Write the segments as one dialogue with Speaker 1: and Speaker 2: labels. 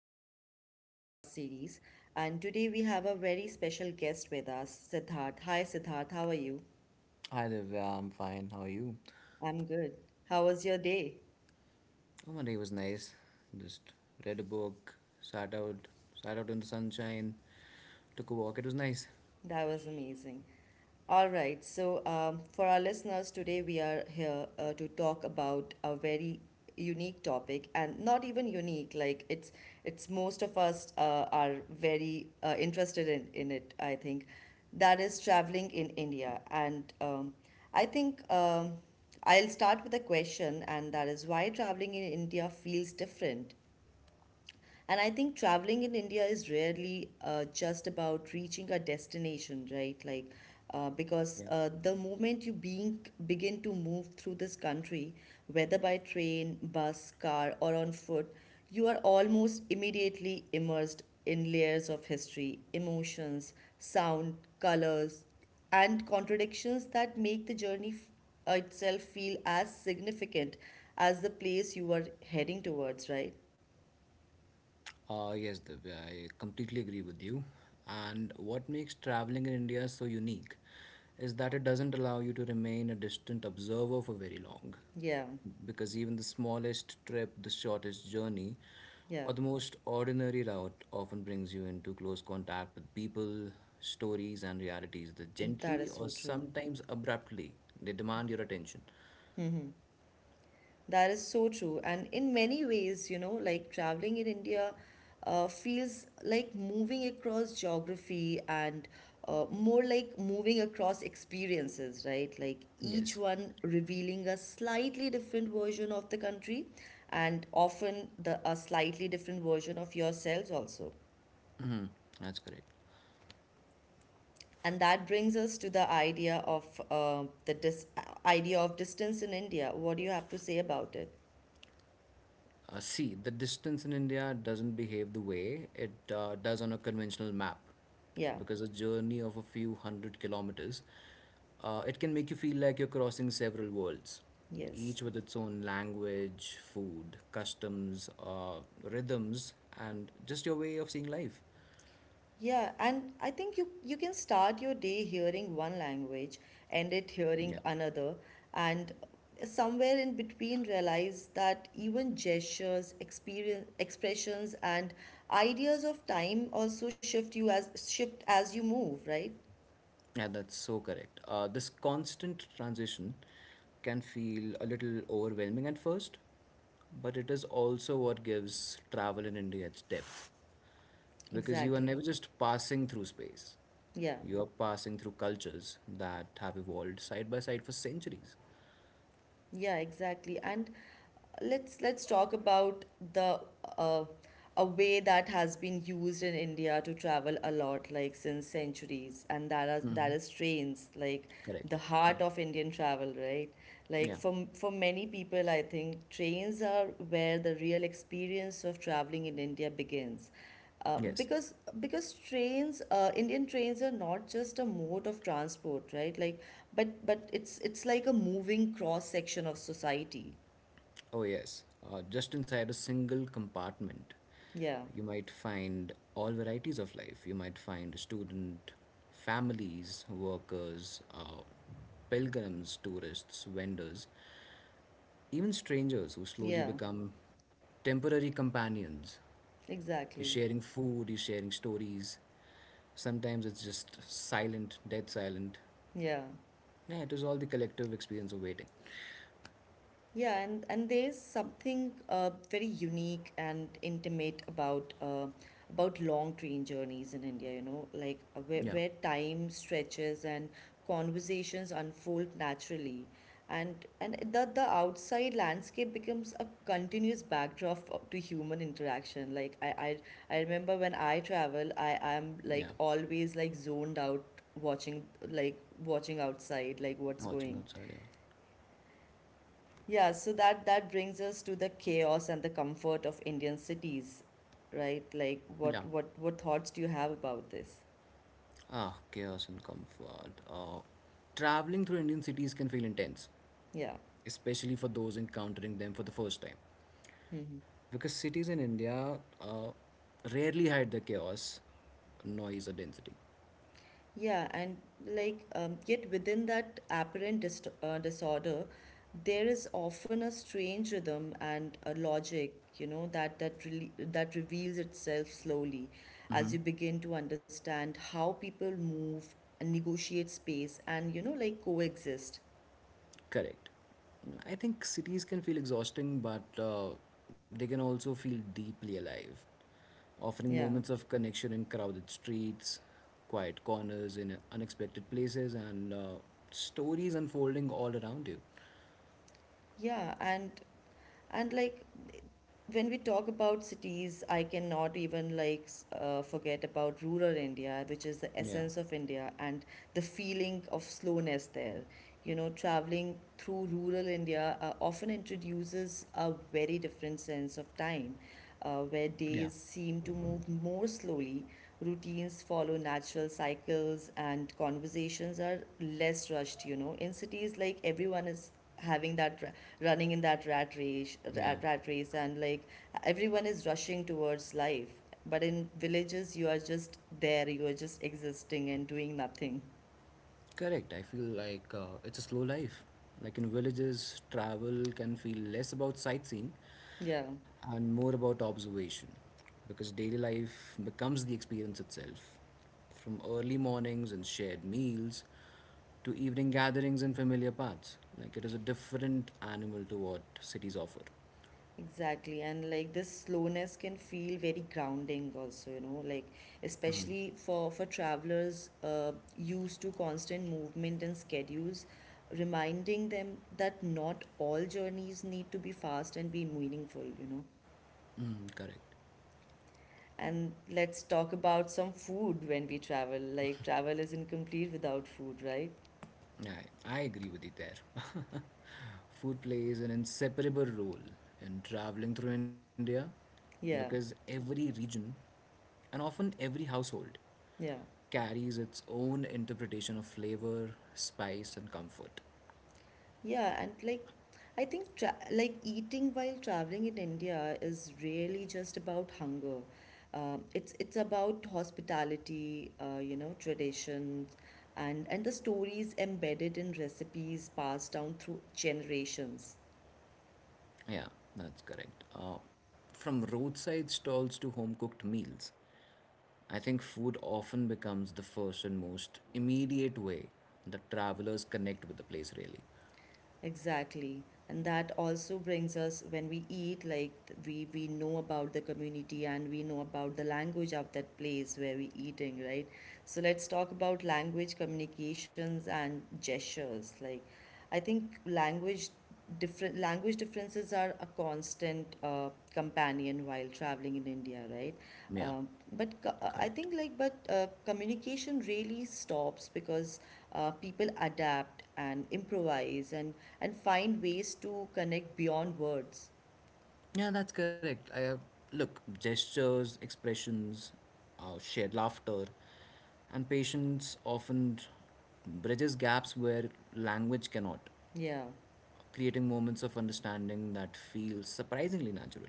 Speaker 1: back to our podcast series. And today we have a very special guest with us, Siddharth. Hi, Siddharth, how are you?
Speaker 2: Hi Divya, I'm fine. How are you?
Speaker 1: I'm good. How was your day?
Speaker 2: Oh, my day was nice. Just read a book, sat out, sat out in the sunshine, took a walk. It was nice.
Speaker 1: That was amazing. All right, so for our listeners today, we are here to talk about a very unique topic, and not even unique. Like it's most of us are very interested in it. I think that is traveling in India, and I think I'll start with a question, and that is why traveling in India feels different. And I think traveling in India is rarely just about reaching a destination, right? Like, because the moment you being begin to move through this country, whether by train, bus, car, or on foot, you are almost immediately immersed in layers of history, emotions, sound, colors, and contradictions that make the journey itself feel as significant as the place you are heading towards, right?
Speaker 2: Yes, Divya, I completely agree with you. And what makes traveling in India so unique is that it doesn't allow you to remain a distant observer for very long.
Speaker 1: Yeah,
Speaker 2: Because even the smallest trip, the shortest journey,
Speaker 1: yeah.
Speaker 2: or the most ordinary route often brings you into close contact with people, stories, and realities that
Speaker 1: That
Speaker 2: gently
Speaker 1: is
Speaker 2: or
Speaker 1: so true.
Speaker 2: sometimes abruptly they demand your attention.
Speaker 1: hmm That is so true. And in many ways, you know, like traveling in India feels like moving across geography and more like moving across experiences, right? Like each
Speaker 2: Yes,
Speaker 1: one revealing a slightly different version of the country and often the a slightly different version of yourselves also.
Speaker 2: mhm, that's correct.
Speaker 1: And that brings us to the idea of idea of distance in India. What do you have to say about it?
Speaker 2: See, the distance in India doesn't behave the way it does on a conventional map,
Speaker 1: Yeah.
Speaker 2: because a journey of a few hundred kilometers, it can make you feel like you're crossing several worlds,
Speaker 1: Yes.
Speaker 2: each with its own language, food, customs, rhythms, and just your way of seeing life.
Speaker 1: Yeah, and I think you can start your day hearing one language, end it hearing
Speaker 2: Yeah,
Speaker 1: another, and somewhere in between realize that even gestures, experience, expressions, and ideas of time also shift as you move, right?
Speaker 2: yeah, that's so correct. This constant transition can feel a little overwhelming at first, but it is also what gives travel in India its depth. Because you are never
Speaker 1: Exactly.
Speaker 2: just passing through space.
Speaker 1: Yeah.
Speaker 2: You are passing through cultures that have evolved side by side for centuries.
Speaker 1: Yeah, exactly. And let's talk about the uh, a way that has been used in India to travel a lot, like since centuries, and that
Speaker 2: Hmm.
Speaker 1: is trains, like the
Speaker 2: Correct. Yeah.
Speaker 1: heart of Indian travel, right? Like
Speaker 2: Yeah.
Speaker 1: for many people, I think trains are where the real experience of traveling in India begins. Uh,
Speaker 2: Yes.
Speaker 1: because because trains, Indian trains, are not just a mode of transport, right? Like, but it's like a moving cross section of society.
Speaker 2: Oh, yes. Just inside a single compartment,
Speaker 1: Yeah.
Speaker 2: you might find all varieties of life. You might find student, families, workers, pilgrims, tourists, vendors, even strangers who slowly
Speaker 1: Yeah.
Speaker 2: become temporary companions. He's
Speaker 1: Exactly.
Speaker 2: sharing food, he's sharing stories. Sometimes it's just silent, dead silent.
Speaker 1: Yeah.
Speaker 2: Yeah, it was all the collective experience of waiting.
Speaker 1: Yeah, and there's something very unique and intimate about long train journeys in India, you know, like uh, where,
Speaker 2: Yeah,
Speaker 1: where time stretches and conversations unfold naturally. And the outside landscape becomes a continuous backdrop to human interaction. Like I remember when I travel, I am
Speaker 2: yeah.
Speaker 1: like always like zoned out watching, like watching outside, like what's
Speaker 2: Watching
Speaker 1: going.
Speaker 2: outside, yeah.
Speaker 1: Yeah, so that that brings us to the chaos and the comfort of Indian cities, right? Like
Speaker 2: Yeah.
Speaker 1: what thoughts do you have about this?
Speaker 2: Ah, chaos and comfort. Oh. Traveling through Indian cities can feel intense,
Speaker 1: Yeah.
Speaker 2: especially for those encountering them for the first time.
Speaker 1: hmm
Speaker 2: Because cities in India rarely hide their chaos, noise, or density.
Speaker 1: Yeah, and yet within that apparent dist disorder, there is often a strange rhythm and a logic, you know, that reveals itself slowly as you begin to understand how people move and negotiate space, and, you know, like coexist.
Speaker 2: Correct. I think cities can feel exhausting, but they can also feel deeply alive, offering
Speaker 1: Yeah.
Speaker 2: moments of connection in crowded streets, quiet corners in unexpected places, and stories unfolding all around you.
Speaker 1: Yeah, and and like when we talk about cities, I cannot even forget about rural India, which is the
Speaker 2: Yeah,
Speaker 1: essence of India, and the feeling of slowness there. You know, traveling through rural India often introduces a very different sense of time, where
Speaker 2: yeah,
Speaker 1: days seem to move more slowly, routines follow natural cycles, and conversations are less rushed. You know, in cities, like, everyone is having that running in that rat race,
Speaker 2: yeah.
Speaker 1: rat, rat race, and, like, everyone is rushing towards life. But in villages, you are just there, you are just existing and doing nothing.
Speaker 2: Correct. I feel like it's a slow life. Like in villages, travel can feel less about sightseeing
Speaker 1: Yeah,
Speaker 2: and more about observation, because daily life becomes the experience itself. From early mornings and shared meals to evening gatherings and familiar paths. Like it is a different animal to what cities offer.
Speaker 1: exactly. And like this slowness can feel very grounding also, you know, like especially for travelers used to constant movement and schedules, reminding them that not all journeys need to be fast and be meaningful, you know.
Speaker 2: Mm, correct.
Speaker 1: And let's talk about some food when we travel. Like, travel is incomplete without food, right?
Speaker 2: I, I agree with you there. Food plays an inseparable role in traveling through India, because
Speaker 1: Yeah,
Speaker 2: every region and often every household
Speaker 1: yeah.
Speaker 2: carries its own interpretation of flavor, spice, and comfort.
Speaker 1: Yeah, and like I think tra like eating while traveling in India is really just about hunger. It's about hospitality, you know, traditions, and the stories embedded in recipes passed down through generations.
Speaker 2: Yeah, that's correct. From roadside stalls to home cooked meals, I think food often becomes the first and most immediate way that travelers connect with the place, really.
Speaker 1: Exactly. And that also brings us, when we eat, like we know about the community and we know about the language of that place where we eating, right? So let's talk about language, communications, and gestures. Like, I think language different language differences are a constant companion while traveling in India, right?
Speaker 2: Yeah,
Speaker 1: I think,
Speaker 2: correct.
Speaker 1: like, but communication really stops because people adapt and improvise and find ways to connect beyond words.
Speaker 2: Yeah, that's correct. Look, gestures, expressions, shared laughter, and patience often bridges gaps where language cannot,
Speaker 1: Yeah.
Speaker 2: creating moments of understanding that feel surprisingly natural.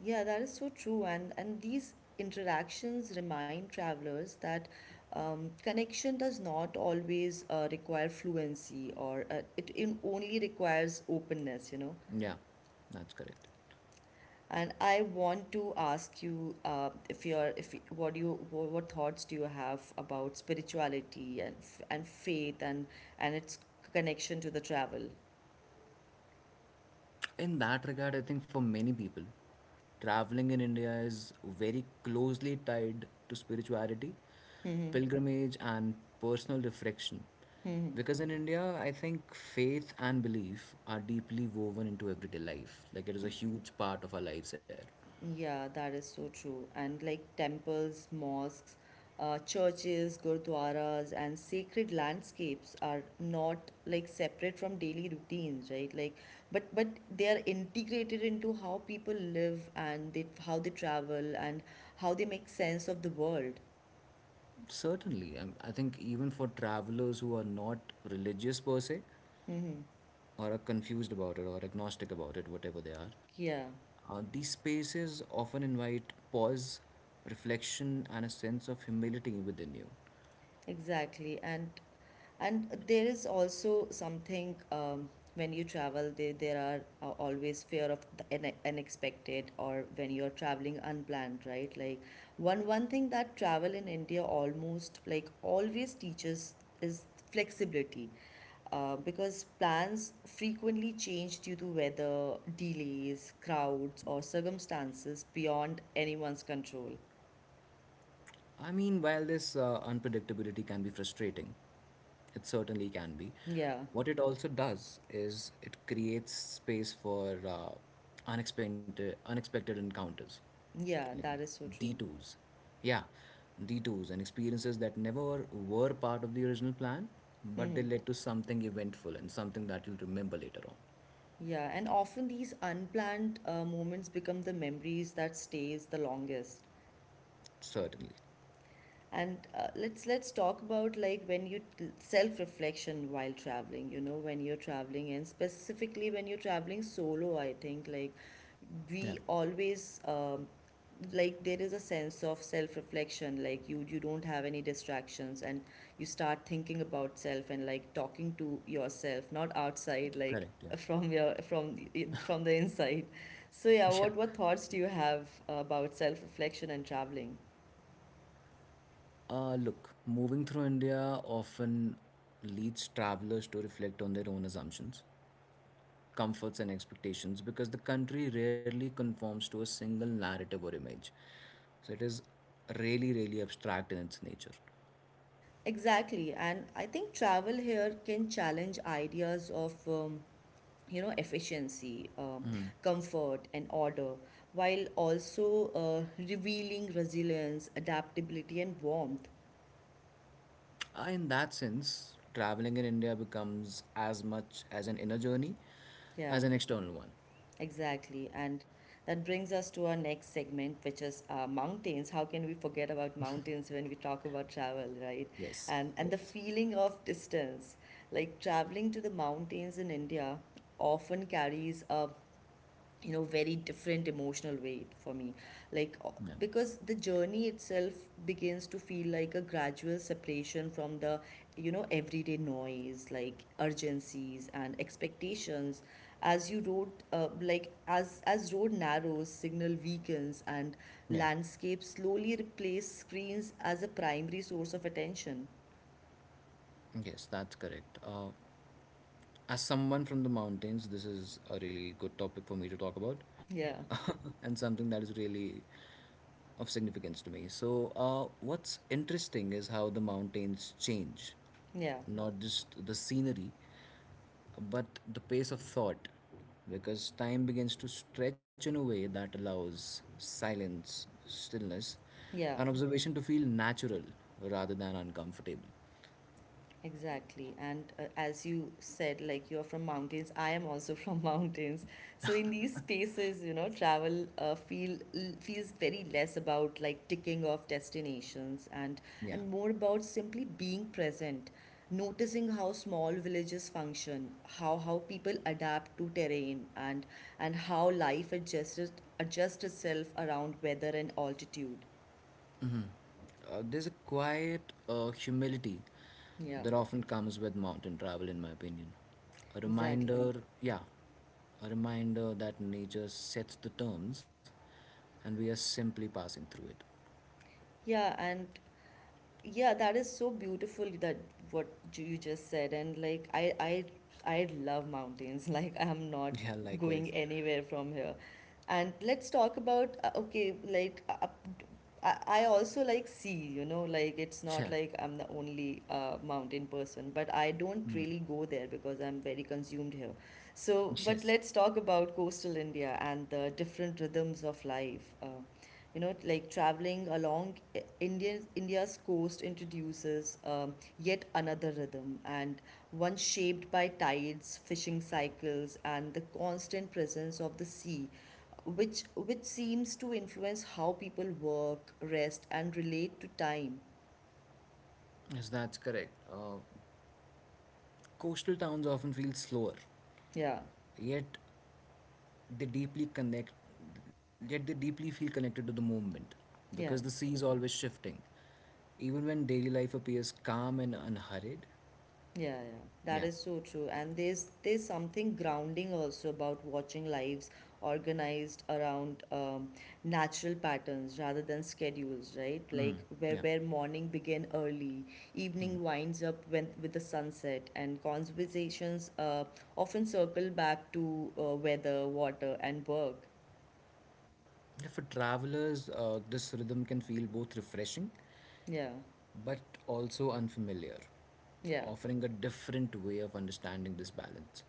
Speaker 1: Yeah, that is so true. And these interactions remind travelers that connection does not always require fluency, or it only requires openness, you know.
Speaker 2: Yeah, that's correct.
Speaker 1: And I want to ask you if you're if y- what do you wha- what thoughts do you have about spirituality and faith and its connection to the travel?
Speaker 2: In that regard, I think for many people, traveling in India is very closely tied to spirituality, pilgrimage, and personal reflection.
Speaker 1: Hmm.
Speaker 2: Because in India, I think faith and belief are deeply woven into everyday life. Like it is a huge part of our lives here.
Speaker 1: Yeah, that is so true. And like temples, mosques, churches, gurdwaras, and sacred landscapes are not, like, separate from daily routines, right? Like, but they are integrated into how people live, and how they travel, and how they make sense of the world.
Speaker 2: Certainly. I think even for travelers who are not religious per se,
Speaker 1: Mm-hmm.
Speaker 2: or are confused about it or agnostic about it, whatever they are,
Speaker 1: Yeah,
Speaker 2: these spaces often invite pause, reflection, and a sense of humility within you.
Speaker 1: exactly. And there is also something, when you travel, there are, always fear of the unexpected, or when you're traveling unplanned, right? Like one thing that travel in India almost like always teaches is flexibility, because plans frequently change due to weather, delays, crowds, or circumstances beyond anyone's control.
Speaker 2: I mean, while this unpredictability can be frustrating, it certainly can be.
Speaker 1: Yeah,
Speaker 2: What it also does is it creates space for unexpected encounters,
Speaker 1: yeah,
Speaker 2: like
Speaker 1: that is so true.
Speaker 2: detours. Yeah, detours and experiences that never were part of the original plan, but
Speaker 1: Mm-hmm.
Speaker 2: they led to something eventful and something that you'll remember later on.
Speaker 1: Yeah, and often these unplanned moments become the memories that stays the longest.
Speaker 2: Certainly.
Speaker 1: And let's talk about, like, when you, self reflection while traveling, you know, when you're traveling and specifically when you're traveling solo, I think, like,
Speaker 2: Yeah.
Speaker 1: we always, there is a sense of self reflection, like you don't have any distractions, and you start thinking about self and, like, talking to yourself, not outside, like
Speaker 2: Correct. Yeah.
Speaker 1: from your from the inside. So yeah,
Speaker 2: Yeah.
Speaker 1: what thoughts do you have about self reflection and traveling?
Speaker 2: Look, moving through India often leads travelers to reflect on their own assumptions, comforts, and expectations, because the country rarely conforms to a single narrative or image. So it is really, really abstract in its nature.
Speaker 1: Exactly, and I think travel here can challenge ideas of, you know, efficiency, comfort, and order, while also revealing resilience, adaptability, and warmth.
Speaker 2: In that sense, traveling in India becomes as much as an inner journey
Speaker 1: Yeah,
Speaker 2: as an external one.
Speaker 1: exactly, and that brings us to our next segment, which is, mountains. How can we forget about mountains when we talk about travel, right?
Speaker 2: Yes,
Speaker 1: And the
Speaker 2: yes.
Speaker 1: feeling of distance, like traveling to the mountains in India often carries a, you know, very different emotional weight for me, like,
Speaker 2: Yeah,
Speaker 1: because the journey itself begins to feel like a gradual separation from the, you know, everyday noise, like urgencies and expectations, as you wrote, like as road narrows, signal weakens, and
Speaker 2: yeah.
Speaker 1: landscapes slowly replace screens as a primary source of attention.
Speaker 2: Yes, that's correct. As someone from the mountains, this is a really good topic for me to talk about
Speaker 1: Yeah,
Speaker 2: and something that is really of significance to me. So, what's interesting is how the mountains change,
Speaker 1: yeah,
Speaker 2: not just the scenery, but the pace of thought, because time begins to stretch in a way that allows silence, stillness,
Speaker 1: yeah.
Speaker 2: and observation to feel natural rather than uncomfortable.
Speaker 1: Exactly. And, as you said, like you're from mountains, I am also from mountains. So in these spaces, you know, travel feels very less about, like, ticking off destinations, and
Speaker 2: Yeah.
Speaker 1: more about simply being present, noticing how small villages function, how people adapt to terrain, and how life adjusts itself around weather and altitude.
Speaker 2: There's a quiet humility
Speaker 1: Yeah,
Speaker 2: that often comes with mountain travel, in my opinion. A
Speaker 1: exactly.
Speaker 2: reminder, yeah, a reminder that nature sets the terms and we are simply passing through it.
Speaker 1: Yeah, and Yeah, that is so beautiful that you just said, and like I love mountains. Like I'm not
Speaker 2: Yeah,
Speaker 1: going
Speaker 2: likewise.
Speaker 1: anywhere from here. And let's talk about, I I also like sea, you know, like it's not
Speaker 2: Yeah,
Speaker 1: like I'm the only mountain person, but I don't really go there because I'm very consumed here. So, but
Speaker 2: yes.
Speaker 1: let's talk about coastal India and the different rhythms of life. You know, like traveling along indian India's coast introduces, yet another rhythm, and one shaped by tides, fishing cycles, and the constant presence of the sea, which seems to influence how people work, rest, and relate to time.
Speaker 2: Yes, that's correct. Coastal towns often feel slower,
Speaker 1: Yeah,
Speaker 2: yet they deeply connect yet they deeply feel connected to the moment,
Speaker 1: yeah.
Speaker 2: because the sea is always shifting even when daily life appears calm and unhurried.
Speaker 1: Yeah, yeah, that
Speaker 2: Yeah.
Speaker 1: is so true. And there's something grounding also about watching lives organized around, natural patterns rather than schedules, right?
Speaker 2: Mm.
Speaker 1: Like where
Speaker 2: Yeah.
Speaker 1: where morning begin early, evening winds up when, with the sunset, and conversations often circle back to weather, water, and work.
Speaker 2: Yeah, for travelers this rhythm can feel both refreshing
Speaker 1: Yeah,
Speaker 2: but also unfamiliar,
Speaker 1: yeah.
Speaker 2: offering a different way of understanding this balance.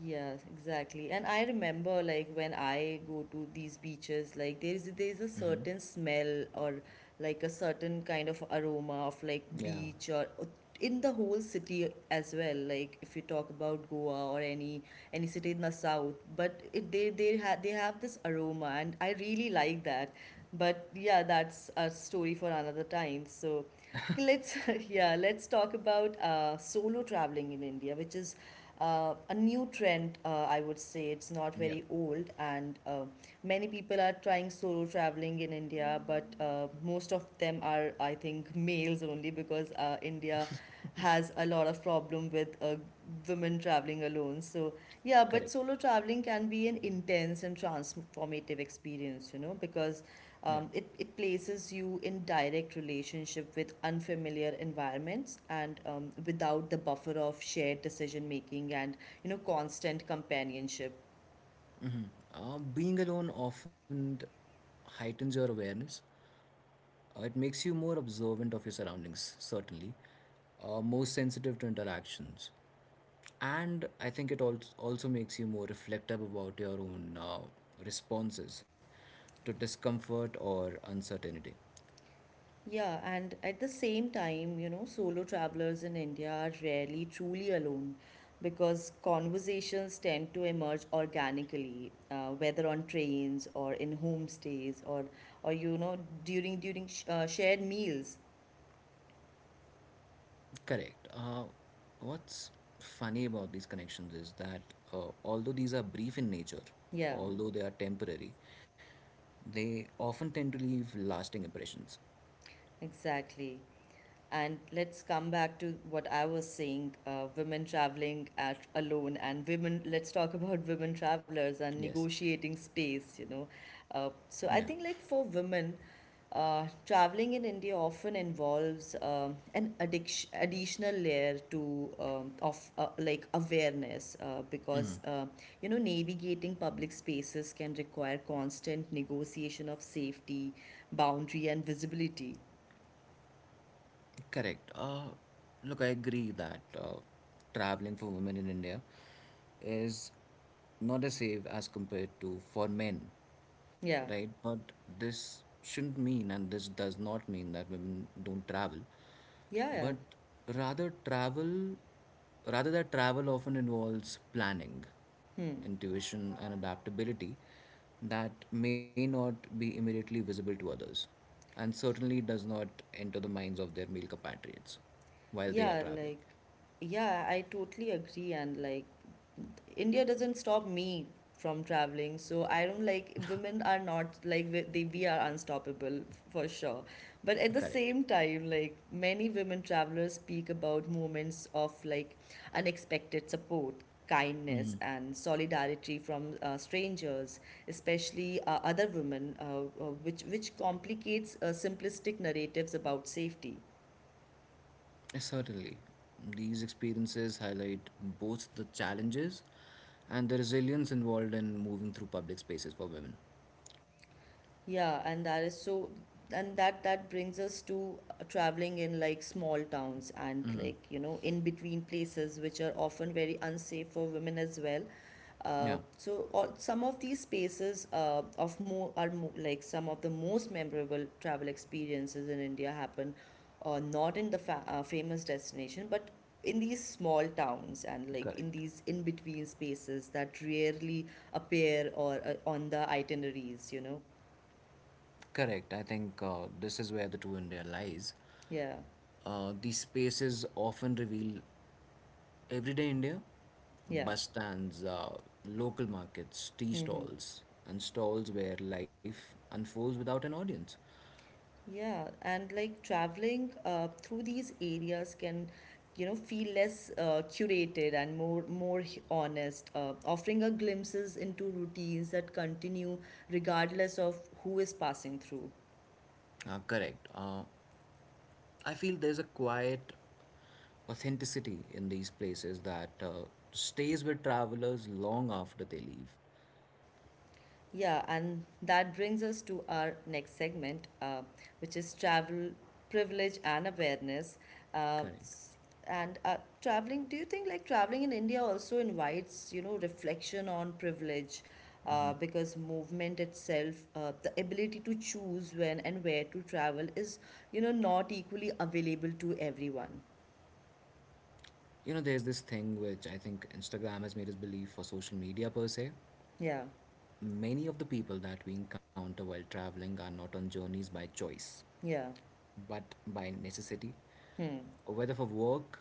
Speaker 1: Yes, exactly. And I remember, like when I go to these beaches, like there is a certain smell, or like a certain kind of aroma of like
Speaker 2: Yeah.
Speaker 1: beach, or in the whole city as well. Like if you talk about Goa, or any city in the south, but it they have, they have this aroma, and I really like that. But yeah, that's a story for another time. Okay, let's yeah, let's talk about solo traveling in India, which is a new trend. I would say it's not
Speaker 2: Yeah.
Speaker 1: very old, and many people are trying solo traveling in India, but most of them are, I think, males only because India has a lot of problem with women traveling alone. So yeah, but
Speaker 2: Correct.
Speaker 1: solo traveling can be an intense and transformative experience, you know, because
Speaker 2: Yeah.
Speaker 1: it places you in direct relationship with unfamiliar environments and without the buffer of shared decision making and you know constant companionship.
Speaker 2: Being alone often heightens your awareness. It makes you more observant of your surroundings, certainly, more sensitive to interactions. And I think it also makes you more reflective about your own responses to discomfort or uncertainty.
Speaker 1: Yeah, and at the same time, you know, solo travelers in India are rarely truly alone because conversations tend to emerge organically, whether on trains or in homestays or you know, during shared meals.
Speaker 2: Correct. What's funny about these connections is that although these are brief in nature,
Speaker 1: Yeah,
Speaker 2: although they are temporary, they often tend to leave lasting impressions.
Speaker 1: exactly. And let's come back to what I was saying alone, and women, let's talk about women travelers and
Speaker 2: Yes.
Speaker 1: negotiating space, you know.
Speaker 2: Yeah.
Speaker 1: So I think, like, for women, traveling in India often involves additional layer to of like awareness because you know navigating public spaces can require constant negotiation of safety, boundary, and visibility.
Speaker 2: Correct. Look, I agree that traveling for women in India is not as safe as compared to for men,
Speaker 1: Yeah,
Speaker 2: right? But this shouldn't mean, and this does not mean that women don't travel,
Speaker 1: yeah, yeah.
Speaker 2: but rather travel rather that travel often involves planning,
Speaker 1: Hmm.
Speaker 2: intuition and adaptability that may not be immediately visible to others, and certainly does not enter the minds of their male compatriots while they are
Speaker 1: Yeah,
Speaker 2: traveling.
Speaker 1: like, yeah, I totally agree. And like, India doesn't stop me from traveling. So I don't like, women are not like, we are unstoppable for sure. But at the
Speaker 2: Correct.
Speaker 1: same time, like, many women travelers speak about moments of like unexpected support, kindness, and solidarity from strangers, especially other women, which complicates simplistic narratives about safety.
Speaker 2: Certainly, these experiences highlight both the challenges and the resilience involved in moving through public spaces for women.
Speaker 1: Yeah, and that is so, and that brings us to traveling in like small towns and
Speaker 2: Hmm.
Speaker 1: like you know in between places which are often very unsafe for women as well.
Speaker 2: Yeah.
Speaker 1: So or Some of these spaces of more are more, like some of the most memorable travel experiences in India happen, not in the fa famous destination, but in these small towns and like in
Speaker 2: Correct.
Speaker 1: these in between spaces that rarely appear or on the itineraries, you know.
Speaker 2: Correct. I think this is where the true India lies.
Speaker 1: Yeah.
Speaker 2: These spaces often reveal everyday India,
Speaker 1: Yeah.
Speaker 2: bus stands, local markets, tea
Speaker 1: Hmm.
Speaker 2: stalls, and stalls where life unfolds without an audience.
Speaker 1: Yeah. And like traveling through these areas can, you know, feel less curated and more honest, offering a glimpses into routines that continue regardless of who is passing through.
Speaker 2: Correct. I feel there's a quiet authenticity in these places that stays with travelers long after they leave.
Speaker 1: Yeah, and that brings us to our next segment, which is travel privilege and awareness. Uh,
Speaker 2: Correct.
Speaker 1: s- and traveling, do you think like traveling in India also invites, you know, reflection on privilege? Because movement itself, the ability to choose when and where to travel is, you know, not equally available to everyone.
Speaker 2: You know, there's this thing which I think Instagram has made us believe for social media per se.
Speaker 1: Yeah,
Speaker 2: Many of the people that we encounter while traveling are not on journeys by choice,
Speaker 1: yeah,
Speaker 2: but by necessity,
Speaker 1: hmm,
Speaker 2: whether for work,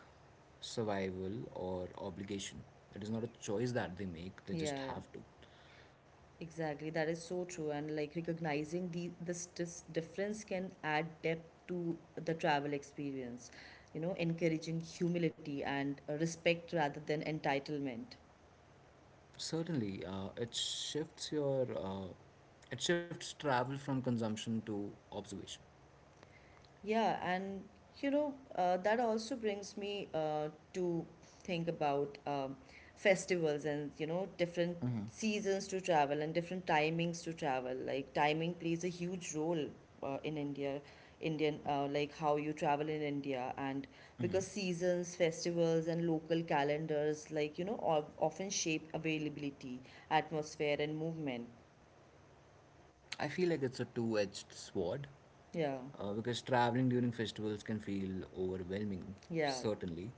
Speaker 2: survival, or obligation. It is not a choice that they make, they just
Speaker 1: yeah, yeah.
Speaker 2: have to.
Speaker 1: Exactly, that is so true. And like recognizing this difference can add depth to the travel experience, you know, encouraging humility and respect rather than entitlement.
Speaker 2: Certainly, it shifts travel from consumption to observation.
Speaker 1: Yeah, and you know, that also brings me to think about festivals and you know, different seasons to travel and different timings to travel. Like, timing plays a huge role in India, like how you travel in India. And because seasons, festivals, and local calendars, like, you know, often shape availability, atmosphere, and movement.
Speaker 2: I feel like it's a two-edged sword,
Speaker 1: Yeah,
Speaker 2: because traveling during festivals can feel overwhelming,
Speaker 1: yeah,
Speaker 2: certainly,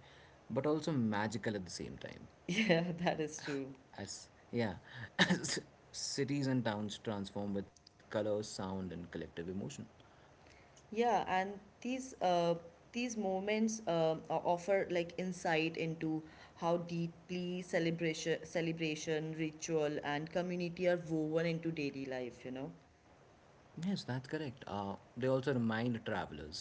Speaker 2: but also magical at the same time.
Speaker 1: yeah, that is true.
Speaker 2: As yeah, as cities and towns transform with color, sound, and collective emotion.
Speaker 1: Yeah, and these moments offer like insight into how deeply celebration, ritual, and community are woven into daily life, you know?
Speaker 2: Yes, that's correct. They also remind travelers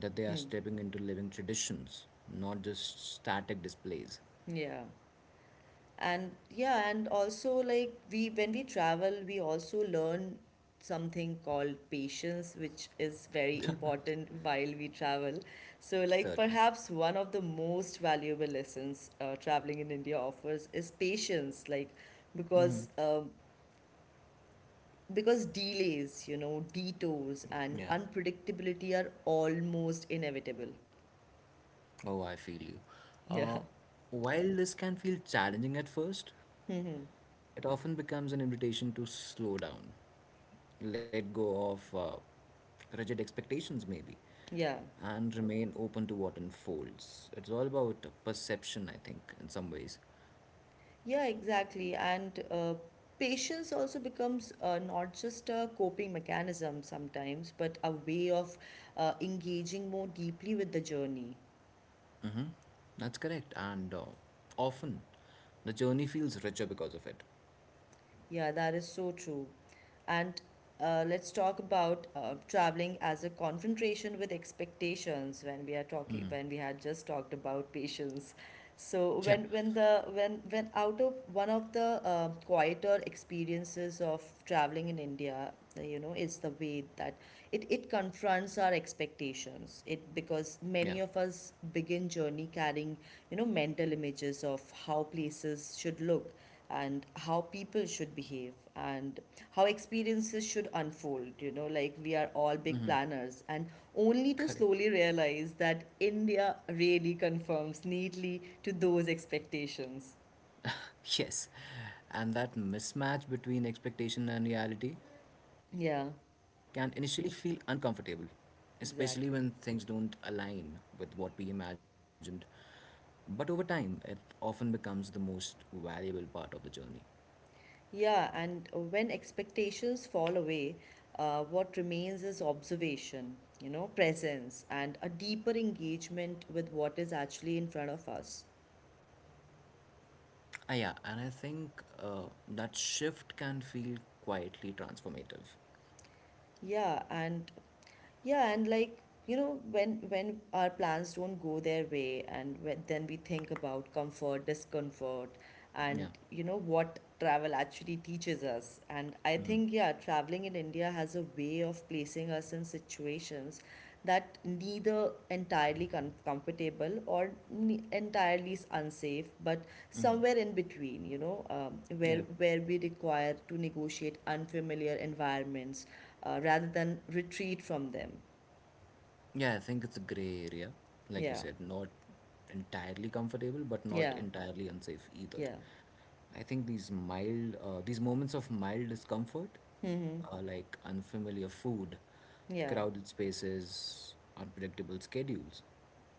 Speaker 2: that they are
Speaker 1: Hmm.
Speaker 2: stepping into living traditions, not just static displays.
Speaker 1: Yeah. And yeah, and also like we when we travel, we also learn something called patience, which is very important while we travel. So like
Speaker 2: Certainly.
Speaker 1: perhaps one of the most valuable lessons traveling in India offers is patience, like because um, because delays, you know, detours and
Speaker 2: Yeah.
Speaker 1: unpredictability are almost inevitable.
Speaker 2: Oh, I feel you.
Speaker 1: Yeah.
Speaker 2: Uh, while this can feel challenging at first,
Speaker 1: Hmm.
Speaker 2: it often becomes an invitation to slow down, let go of rigid expectations, maybe,
Speaker 1: Yeah.
Speaker 2: and remain open to what unfolds. It's all about perception, I think, in some ways.
Speaker 1: Yeah, exactly. And patience also becomes not just a coping mechanism sometimes, but a way of engaging more deeply with the journey.
Speaker 2: That's correct. And often the journey feels richer because of it.
Speaker 1: Yeah, that is so true. And let's talk about traveling as a confrontation with expectations when we are talking when we had just talked about patience. So
Speaker 2: Yeah,
Speaker 1: when the when out of One of the quieter experiences of traveling in India, you know, is the way that it confronts our expectations. It
Speaker 2: yeah,
Speaker 1: because many of us begin journey carrying you know mental images of how places should look and how people should behave and how experiences should unfold you know like we are all big planners and only to
Speaker 2: correct.
Speaker 1: slowly realize that India really conforms neatly to those expectations.
Speaker 2: Yes, and that mismatch between expectation and reality can
Speaker 1: Yeah,
Speaker 2: initially feel uncomfortable, especially when
Speaker 1: exactly.
Speaker 2: things don't align with what we imagined. But over time, it often becomes the most valuable part of the journey.
Speaker 1: Yeah, and when expectations fall away, what remains is observation, you know, presence and a deeper engagement with what is actually in front of us.
Speaker 2: Ah, yeah, and I think that shift can feel quietly transformative.
Speaker 1: Yeah, and yeah, and like, you know, when our plans don't go their way, and when, then we think about comfort, discomfort,
Speaker 2: Yeah.
Speaker 1: and you know what travel actually teaches us. And I
Speaker 2: Hmm.
Speaker 1: think, yeah, traveling in India has a way of placing us in situations that neither entirely comfortable or ne- entirely is unsafe, but somewhere in between, you know,
Speaker 2: Yeah.
Speaker 1: where we require to negotiate unfamiliar environments rather than retreat from them.
Speaker 2: Yeah, I think it's a gray area. Like you
Speaker 1: Yeah,
Speaker 2: said, not entirely comfortable, but not
Speaker 1: yeah,
Speaker 2: entirely unsafe either.
Speaker 1: yeah.
Speaker 2: I think these moments of mild discomfort,
Speaker 1: Mm-hmm.
Speaker 2: like unfamiliar food,
Speaker 1: Yeah,
Speaker 2: crowded spaces, unpredictable schedules,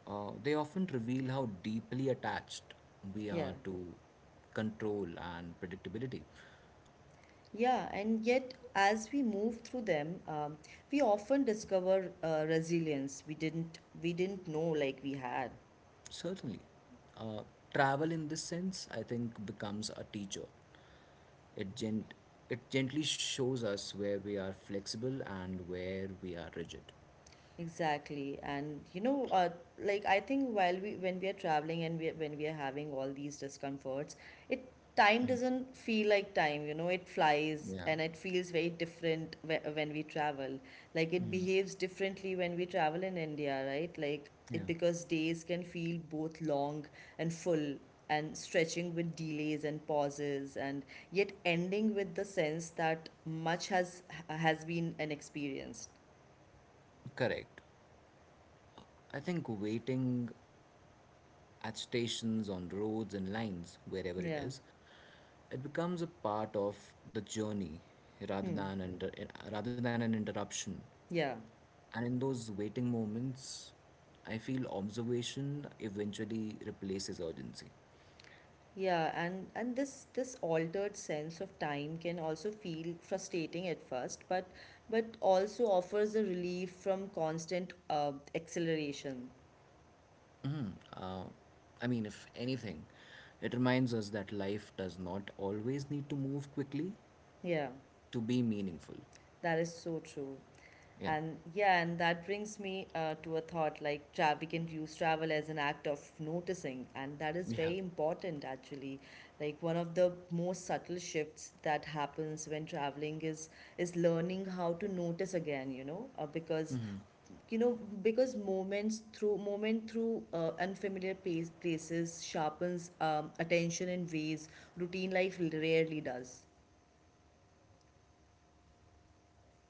Speaker 2: they often reveal how deeply attached we
Speaker 1: yeah,
Speaker 2: are to control and predictability.
Speaker 1: yeah. And yet, as we move through them, we often discover resilience we didn't know like we had.
Speaker 2: Certainly. Uh, Travel in this sense, I think, becomes a teacher. It, gent- it gently shows us where we are flexible and where we are rigid.
Speaker 1: Exactly, and you know, like I think while we when we are traveling and when we are having all these discomforts, it time doesn't feel like time. You know, it flies
Speaker 2: Yeah,
Speaker 1: and it feels very different when we travel. Like it behaves differently when we travel in India, right? Like it
Speaker 2: yeah,
Speaker 1: because days can feel both long and full and stretching with delays and pauses and yet ending with the sense that much has been an experienced.
Speaker 2: correct. I think waiting at stations, on roads and lines, wherever it
Speaker 1: Yeah.
Speaker 2: is, it becomes a part of the journey rather
Speaker 1: Hmm.
Speaker 2: than under, eh, rather than an interruption.
Speaker 1: Yeah,
Speaker 2: And in those waiting moments, I feel observation eventually replaces urgency.
Speaker 1: yeah, and this altered sense of time can also feel frustrating at first, but also offers a relief from constant acceleration.
Speaker 2: Uh, I mean, if anything, it reminds us that life does not always need to move quickly
Speaker 1: Yeah,
Speaker 2: to be meaningful.
Speaker 1: that is so true.
Speaker 2: Yeah.
Speaker 1: And yeah, and that brings me to a thought like we can use travel as an act of noticing, and that is
Speaker 2: Yeah.
Speaker 1: very important actually. Like one of the most subtle shifts that happens when traveling is learning how to notice again, you know, because you know because moments through moment through unfamiliar places sharpens attention in ways routine life rarely does.
Speaker 2: Certainly. I think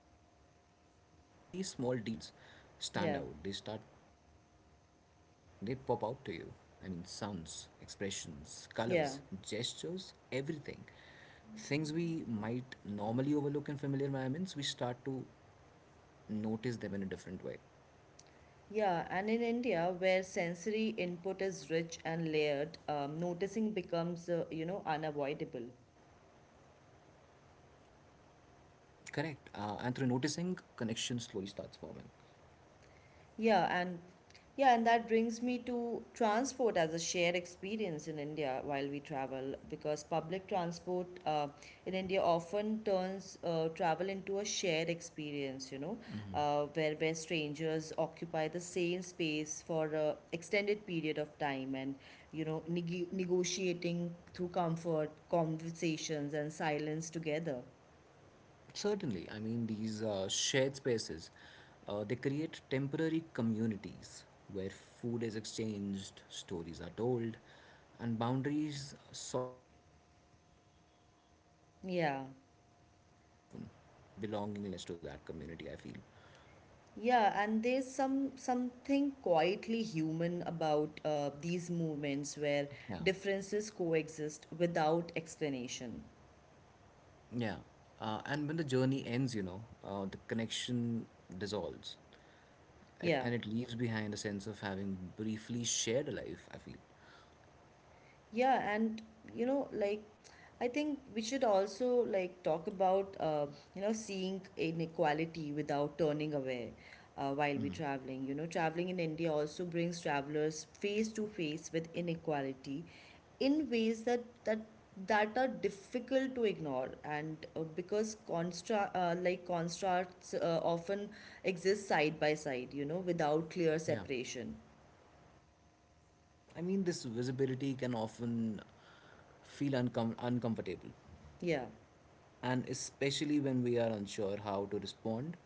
Speaker 2: suddenly small details stand out. they
Speaker 1: Yeah,
Speaker 2: start they pop out to you. I mean, sounds, expressions, colors,
Speaker 1: yeah,
Speaker 2: gestures, everything. Things we might normally overlook in familiar environments, we start to notice them in a different way.
Speaker 1: yeah. And in India, where sensory input is rich and layered, noticing becomes, you know, unavoidable.
Speaker 2: Correct. And through noticing, connection slowly starts forming.
Speaker 1: Yeah, and yeah, and that brings me to transport as a shared experience in India while we travel, because public transport in India often turns travel into a shared experience, you know, where strangers occupy the same space for a extended period of time and you know negotiating through comfort, conversations and silence together.
Speaker 2: Certainly, I mean, these shared spaces, they create temporary communities where food is exchanged, stories are told, and boundaries soften. Even if only for a few hours,
Speaker 1: Yeah.
Speaker 2: you feel a real sense of belongingness to that community, I feel.
Speaker 1: Yeah, and there's something quietly human about these movements where
Speaker 2: Yeah,
Speaker 1: differences coexist without explanation.
Speaker 2: yeah. And when the journey ends, the connection dissolves it,
Speaker 1: Yeah.
Speaker 2: and it leaves behind a sense of having briefly shared a life, I feel.
Speaker 1: Yeah, and you know, like I think we should also like talk about you know seeing inequality without turning away while we're traveling. You know, traveling in India also brings travelers face to face with inequality in ways that that are difficult to ignore and because constra like constructs often exist side by side you know without clear
Speaker 2: Yeah.
Speaker 1: separation.
Speaker 2: Ah, yeah, I mean, this visibility can often feel uncomfortable,
Speaker 1: Yeah.
Speaker 2: and especially when we are unsure how to respond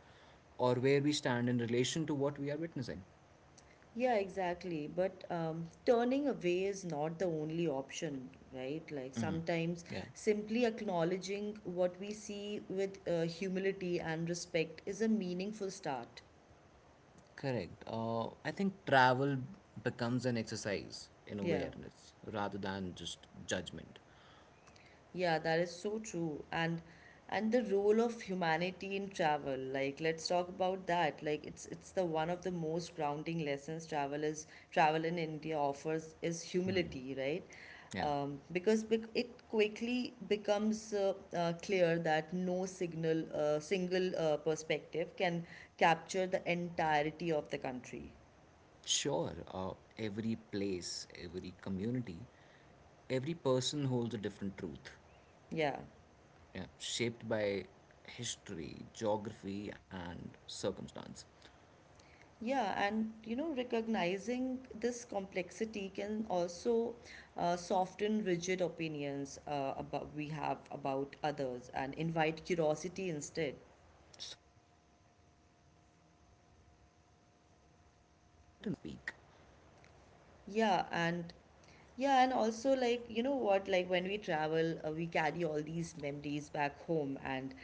Speaker 2: or where we stand in relation to what we are witnessing.
Speaker 1: Yeah, exactly. But turning away is not the only option, right? Like
Speaker 2: Yeah,
Speaker 1: sometimes simply acknowledging what we see with humility and respect is a meaningful start.
Speaker 2: correct. I think travel becomes an exercise in
Speaker 1: Yeah.
Speaker 2: awareness rather than just judgment.
Speaker 1: Yeah, that is so true. And the role of humanity in travel, like let's talk about that. Like it's the one of the most grounding lessons travel in India offers is humility, right?
Speaker 2: Yeah,
Speaker 1: Because it quickly becomes clear that no signal single perspective can capture the entirety of the country.
Speaker 2: sure. Every place, every community, every person holds a different truth,
Speaker 1: Yeah.
Speaker 2: yeah, shaped by history, geography, and circumstance.
Speaker 1: Yeah, and you know, recognizing this complexity can also soften rigid opinions about we have about others and invite curiosity instead.
Speaker 2: Certainly, humility allows us to listen more than we speak.
Speaker 1: Yeah, and yeah, and also like you know what, like when we travel, we carry all these memories back home, and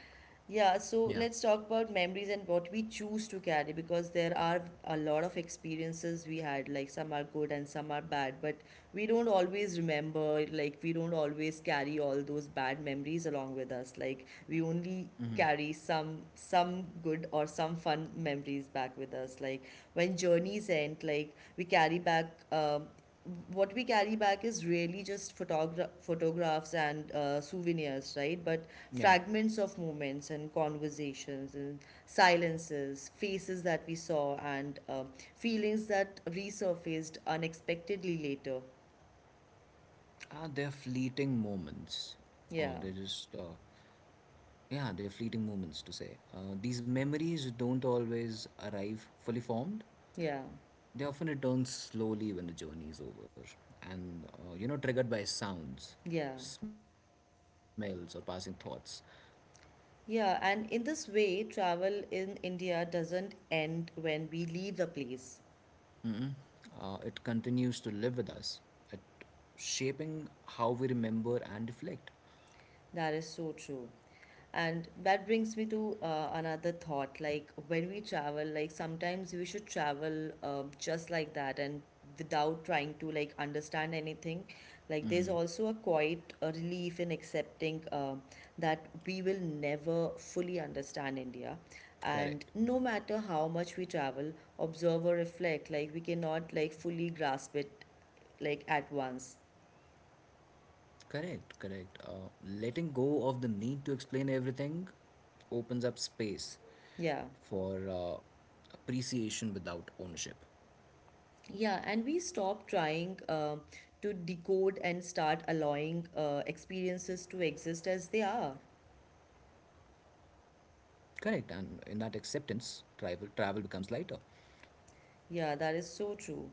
Speaker 1: yeah, so
Speaker 2: Yeah,
Speaker 1: let's talk about memories and what we choose to carry, because there are a lot of experiences we had, like some are good and some are bad, but we don't always remember, like we don't always carry all those bad memories along with us. Like we only carry some good or some fun memories back with us. Like when journeys end, like we carry back what we carry back is really just photographs and souvenirs, right? But
Speaker 2: yeah.
Speaker 1: fragments of moments and conversations and silences, faces that we saw, and feelings that resurfaced unexpectedly later.
Speaker 2: Ah, they're fleeting moments. Oh,
Speaker 1: Yeah,
Speaker 2: they're just, yeah, they're fleeting moments to say. These memories don't always arrive fully formed.
Speaker 1: yeah,
Speaker 2: They often return slowly when the journey is over and, triggered by sounds,
Speaker 1: yeah.
Speaker 2: smells, or passing thoughts.
Speaker 1: Yeah, and in this way, travel in India doesn't end when we leave the place.
Speaker 2: It continues to live with us, at shaping how we remember and reflect.
Speaker 1: That is so true. And that brings me to another thought, like when we travel, like sometimes we should travel just like that and without trying to like understand anything. Like there's also a quiet relief in accepting that we will never fully understand India. And
Speaker 2: Correct.
Speaker 1: no matter how much we travel, observe or reflect, like we cannot like fully grasp it like at once.
Speaker 2: Correct. Letting go of the need to explain everything opens up space
Speaker 1: Yeah.
Speaker 2: for appreciation without ownership.
Speaker 1: Yeah, and we stop trying to decode and start allowing experiences to exist as they are.
Speaker 2: Correct. And in that acceptance, travel becomes lighter.
Speaker 1: Yeah, that is so true.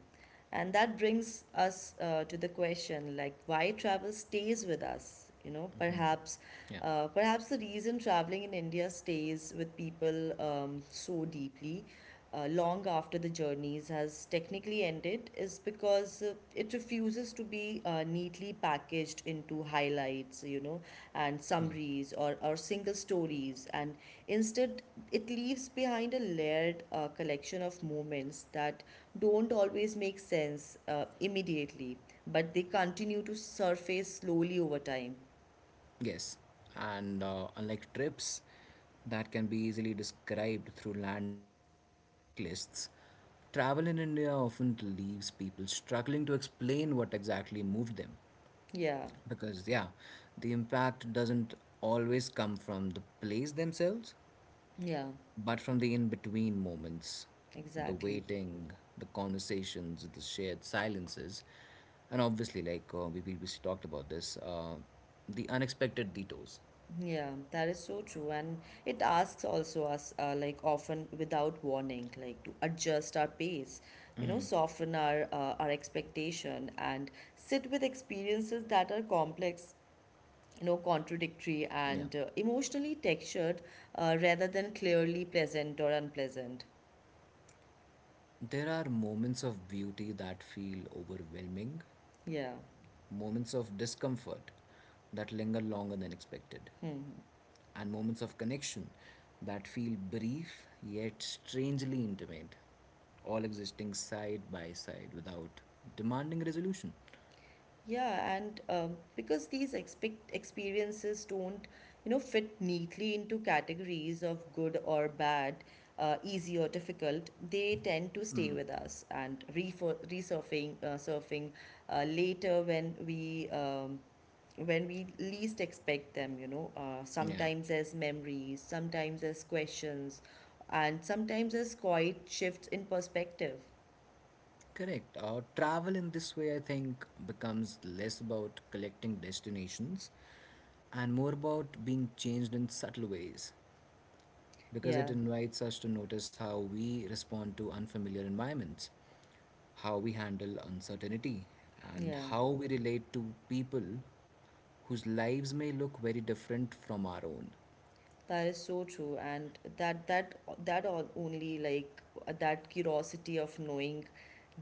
Speaker 1: And that brings us to the question, like why travel stays with us? You know,
Speaker 2: Yeah.
Speaker 1: Perhaps the reason traveling in India stays with people so deeply, long after the journeys has technically ended, is because it refuses to be neatly packaged into highlights, you know, and
Speaker 2: Yeah.
Speaker 1: summaries or single stories. And instead, it leaves behind a layered collection of moments that don't always make sense immediately, but they continue to surface slowly over time.
Speaker 2: Yes, and unlike trips that can be easily described through landmarks or checklists, travel in India often leaves people struggling to explain what exactly moved them.
Speaker 1: Yeah,
Speaker 2: Because, yeah, the impact doesn't always come from the place themselves,
Speaker 1: yeah.
Speaker 2: but from the in between moments: the
Speaker 1: Exactly.
Speaker 2: waiting, the conversations, the shared silences, and obviously, like we previously talked about this, the unexpected detours.
Speaker 1: Yeah, that is so true. And it asks also us, like often without warning, like to adjust our pace, you know, soften our expectation, and sit with experiences that are complex, you know, contradictory
Speaker 2: Yeah.
Speaker 1: and emotionally textured, rather than clearly pleasant or unpleasant.
Speaker 2: There are moments of beauty that feel overwhelming,
Speaker 1: Yeah.
Speaker 2: moments of discomfort that linger longer than expected,
Speaker 1: Hmm.
Speaker 2: and moments of connection that feel brief yet strangely intimate, all existing side by side without demanding resolution.
Speaker 1: Yeah, and because these expect experiences don't, you know, fit neatly into categories of good or bad, easy or difficult, they tend to stay with us and surfing later when we least expect them, you know,
Speaker 2: Yeah,
Speaker 1: sometimes as memories, sometimes as questions, and sometimes as quiet shifts in perspective.
Speaker 2: correct. Travel in this way, I think, becomes less about collecting destinations and more about being changed in subtle ways, because it
Speaker 1: Yeah,
Speaker 2: invites us to notice how we respond to unfamiliar environments, how we handle uncertainty, and
Speaker 1: yeah.
Speaker 2: how we relate to people whose lives may look very different from our own.
Speaker 1: That is so true, and that all only like that curiosity of knowing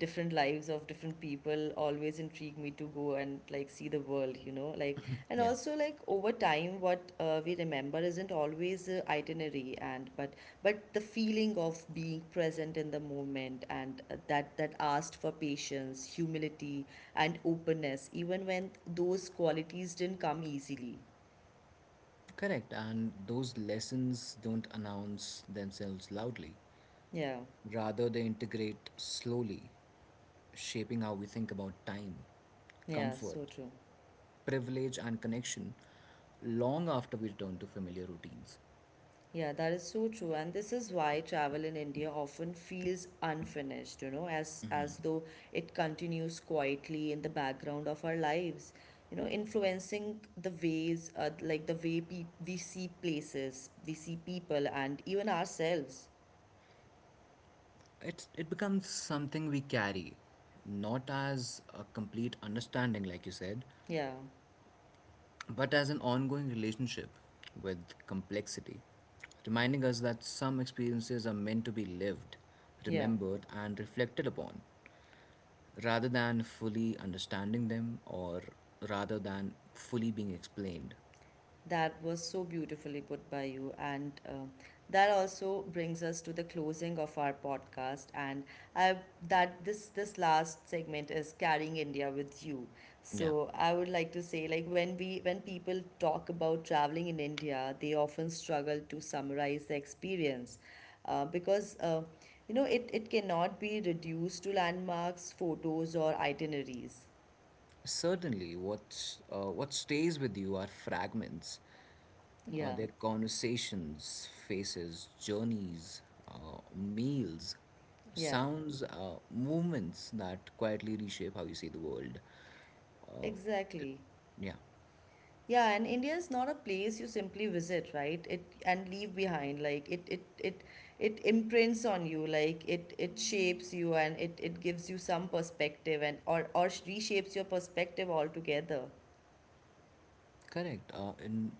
Speaker 1: different lives of different people always intrigued me to go and like see the world, you know, like. And
Speaker 2: Yeah,
Speaker 1: also, like over time, what we remember isn't always itinerary and but the feeling of being present in the moment, and that that asked for patience, humility, and openness, even when those qualities didn't come easily.
Speaker 2: correct. And those lessons don't announce themselves loudly.
Speaker 1: Yeah,
Speaker 2: Rather, they integrate slowly, shaping how we think about time,
Speaker 1: yeah,
Speaker 2: comfort,
Speaker 1: so true.
Speaker 2: privilege, and connection long after we return to familiar routines.
Speaker 1: Yeah, that is so true. And this is why travel in India often feels unfinished, you know, as though it continues quietly in the background of our lives, you know, influencing the ways, like the way pe we see places, we see people, and even ourselves.
Speaker 2: It becomes something we carry, not as a complete understanding, like you said,
Speaker 1: Yeah,
Speaker 2: but as an ongoing relationship with complexity, reminding us that some experiences are meant to be lived,
Speaker 1: yeah.
Speaker 2: remembered, and reflected upon rather than fully understanding them, or rather than fully being explained.
Speaker 1: That was so beautifully put by you. And that also brings us to the closing of our podcast. And I, that this last segment is carrying India with you.
Speaker 2: Yeah,
Speaker 1: So I would like to say, like when people talk about traveling in India, they often struggle to summarize the experience because you know it, it cannot be reduced to landmarks, photos, or itineraries.
Speaker 2: certainly. What's What stays with you are fragments,
Speaker 1: Yeah,
Speaker 2: their conversations, faces, journeys, meals,
Speaker 1: yeah,
Speaker 2: sounds, movements that quietly reshape how you see the world.
Speaker 1: exactly.
Speaker 2: Yeah,
Speaker 1: Yeah, and India is not a place you simply visit, right? It and leave behind. Like it imprints on you, like it shapes you and it gives you some perspective and or reshapes your perspective altogether.
Speaker 2: correct. And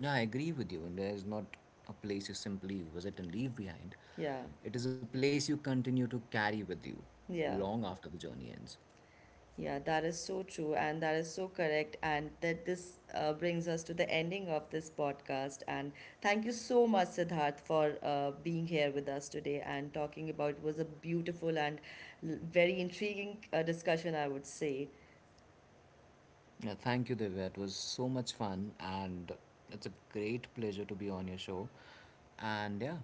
Speaker 2: yeah, I agree with you. And there is not a place you simply visit and leave behind.
Speaker 1: Yeah.
Speaker 2: It is a place you continue to carry with you
Speaker 1: Yeah.
Speaker 2: long after the journey ends.
Speaker 1: Yeah, that is so true, and that is so correct. And that this brings us to the ending of this podcast. And thank you so much, Siddharth, for being here with us today and talking about. It was a beautiful and very intriguing discussion, I would say.
Speaker 2: Yeah, thank you, Divya. It was so much fun, and it's a great pleasure to be on your show. And yeah,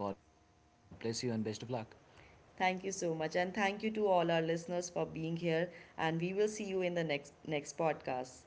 Speaker 2: God bless you and best of luck.
Speaker 1: Thank you so much, and thank you to all our listeners for being here. And we will see you in the next podcast.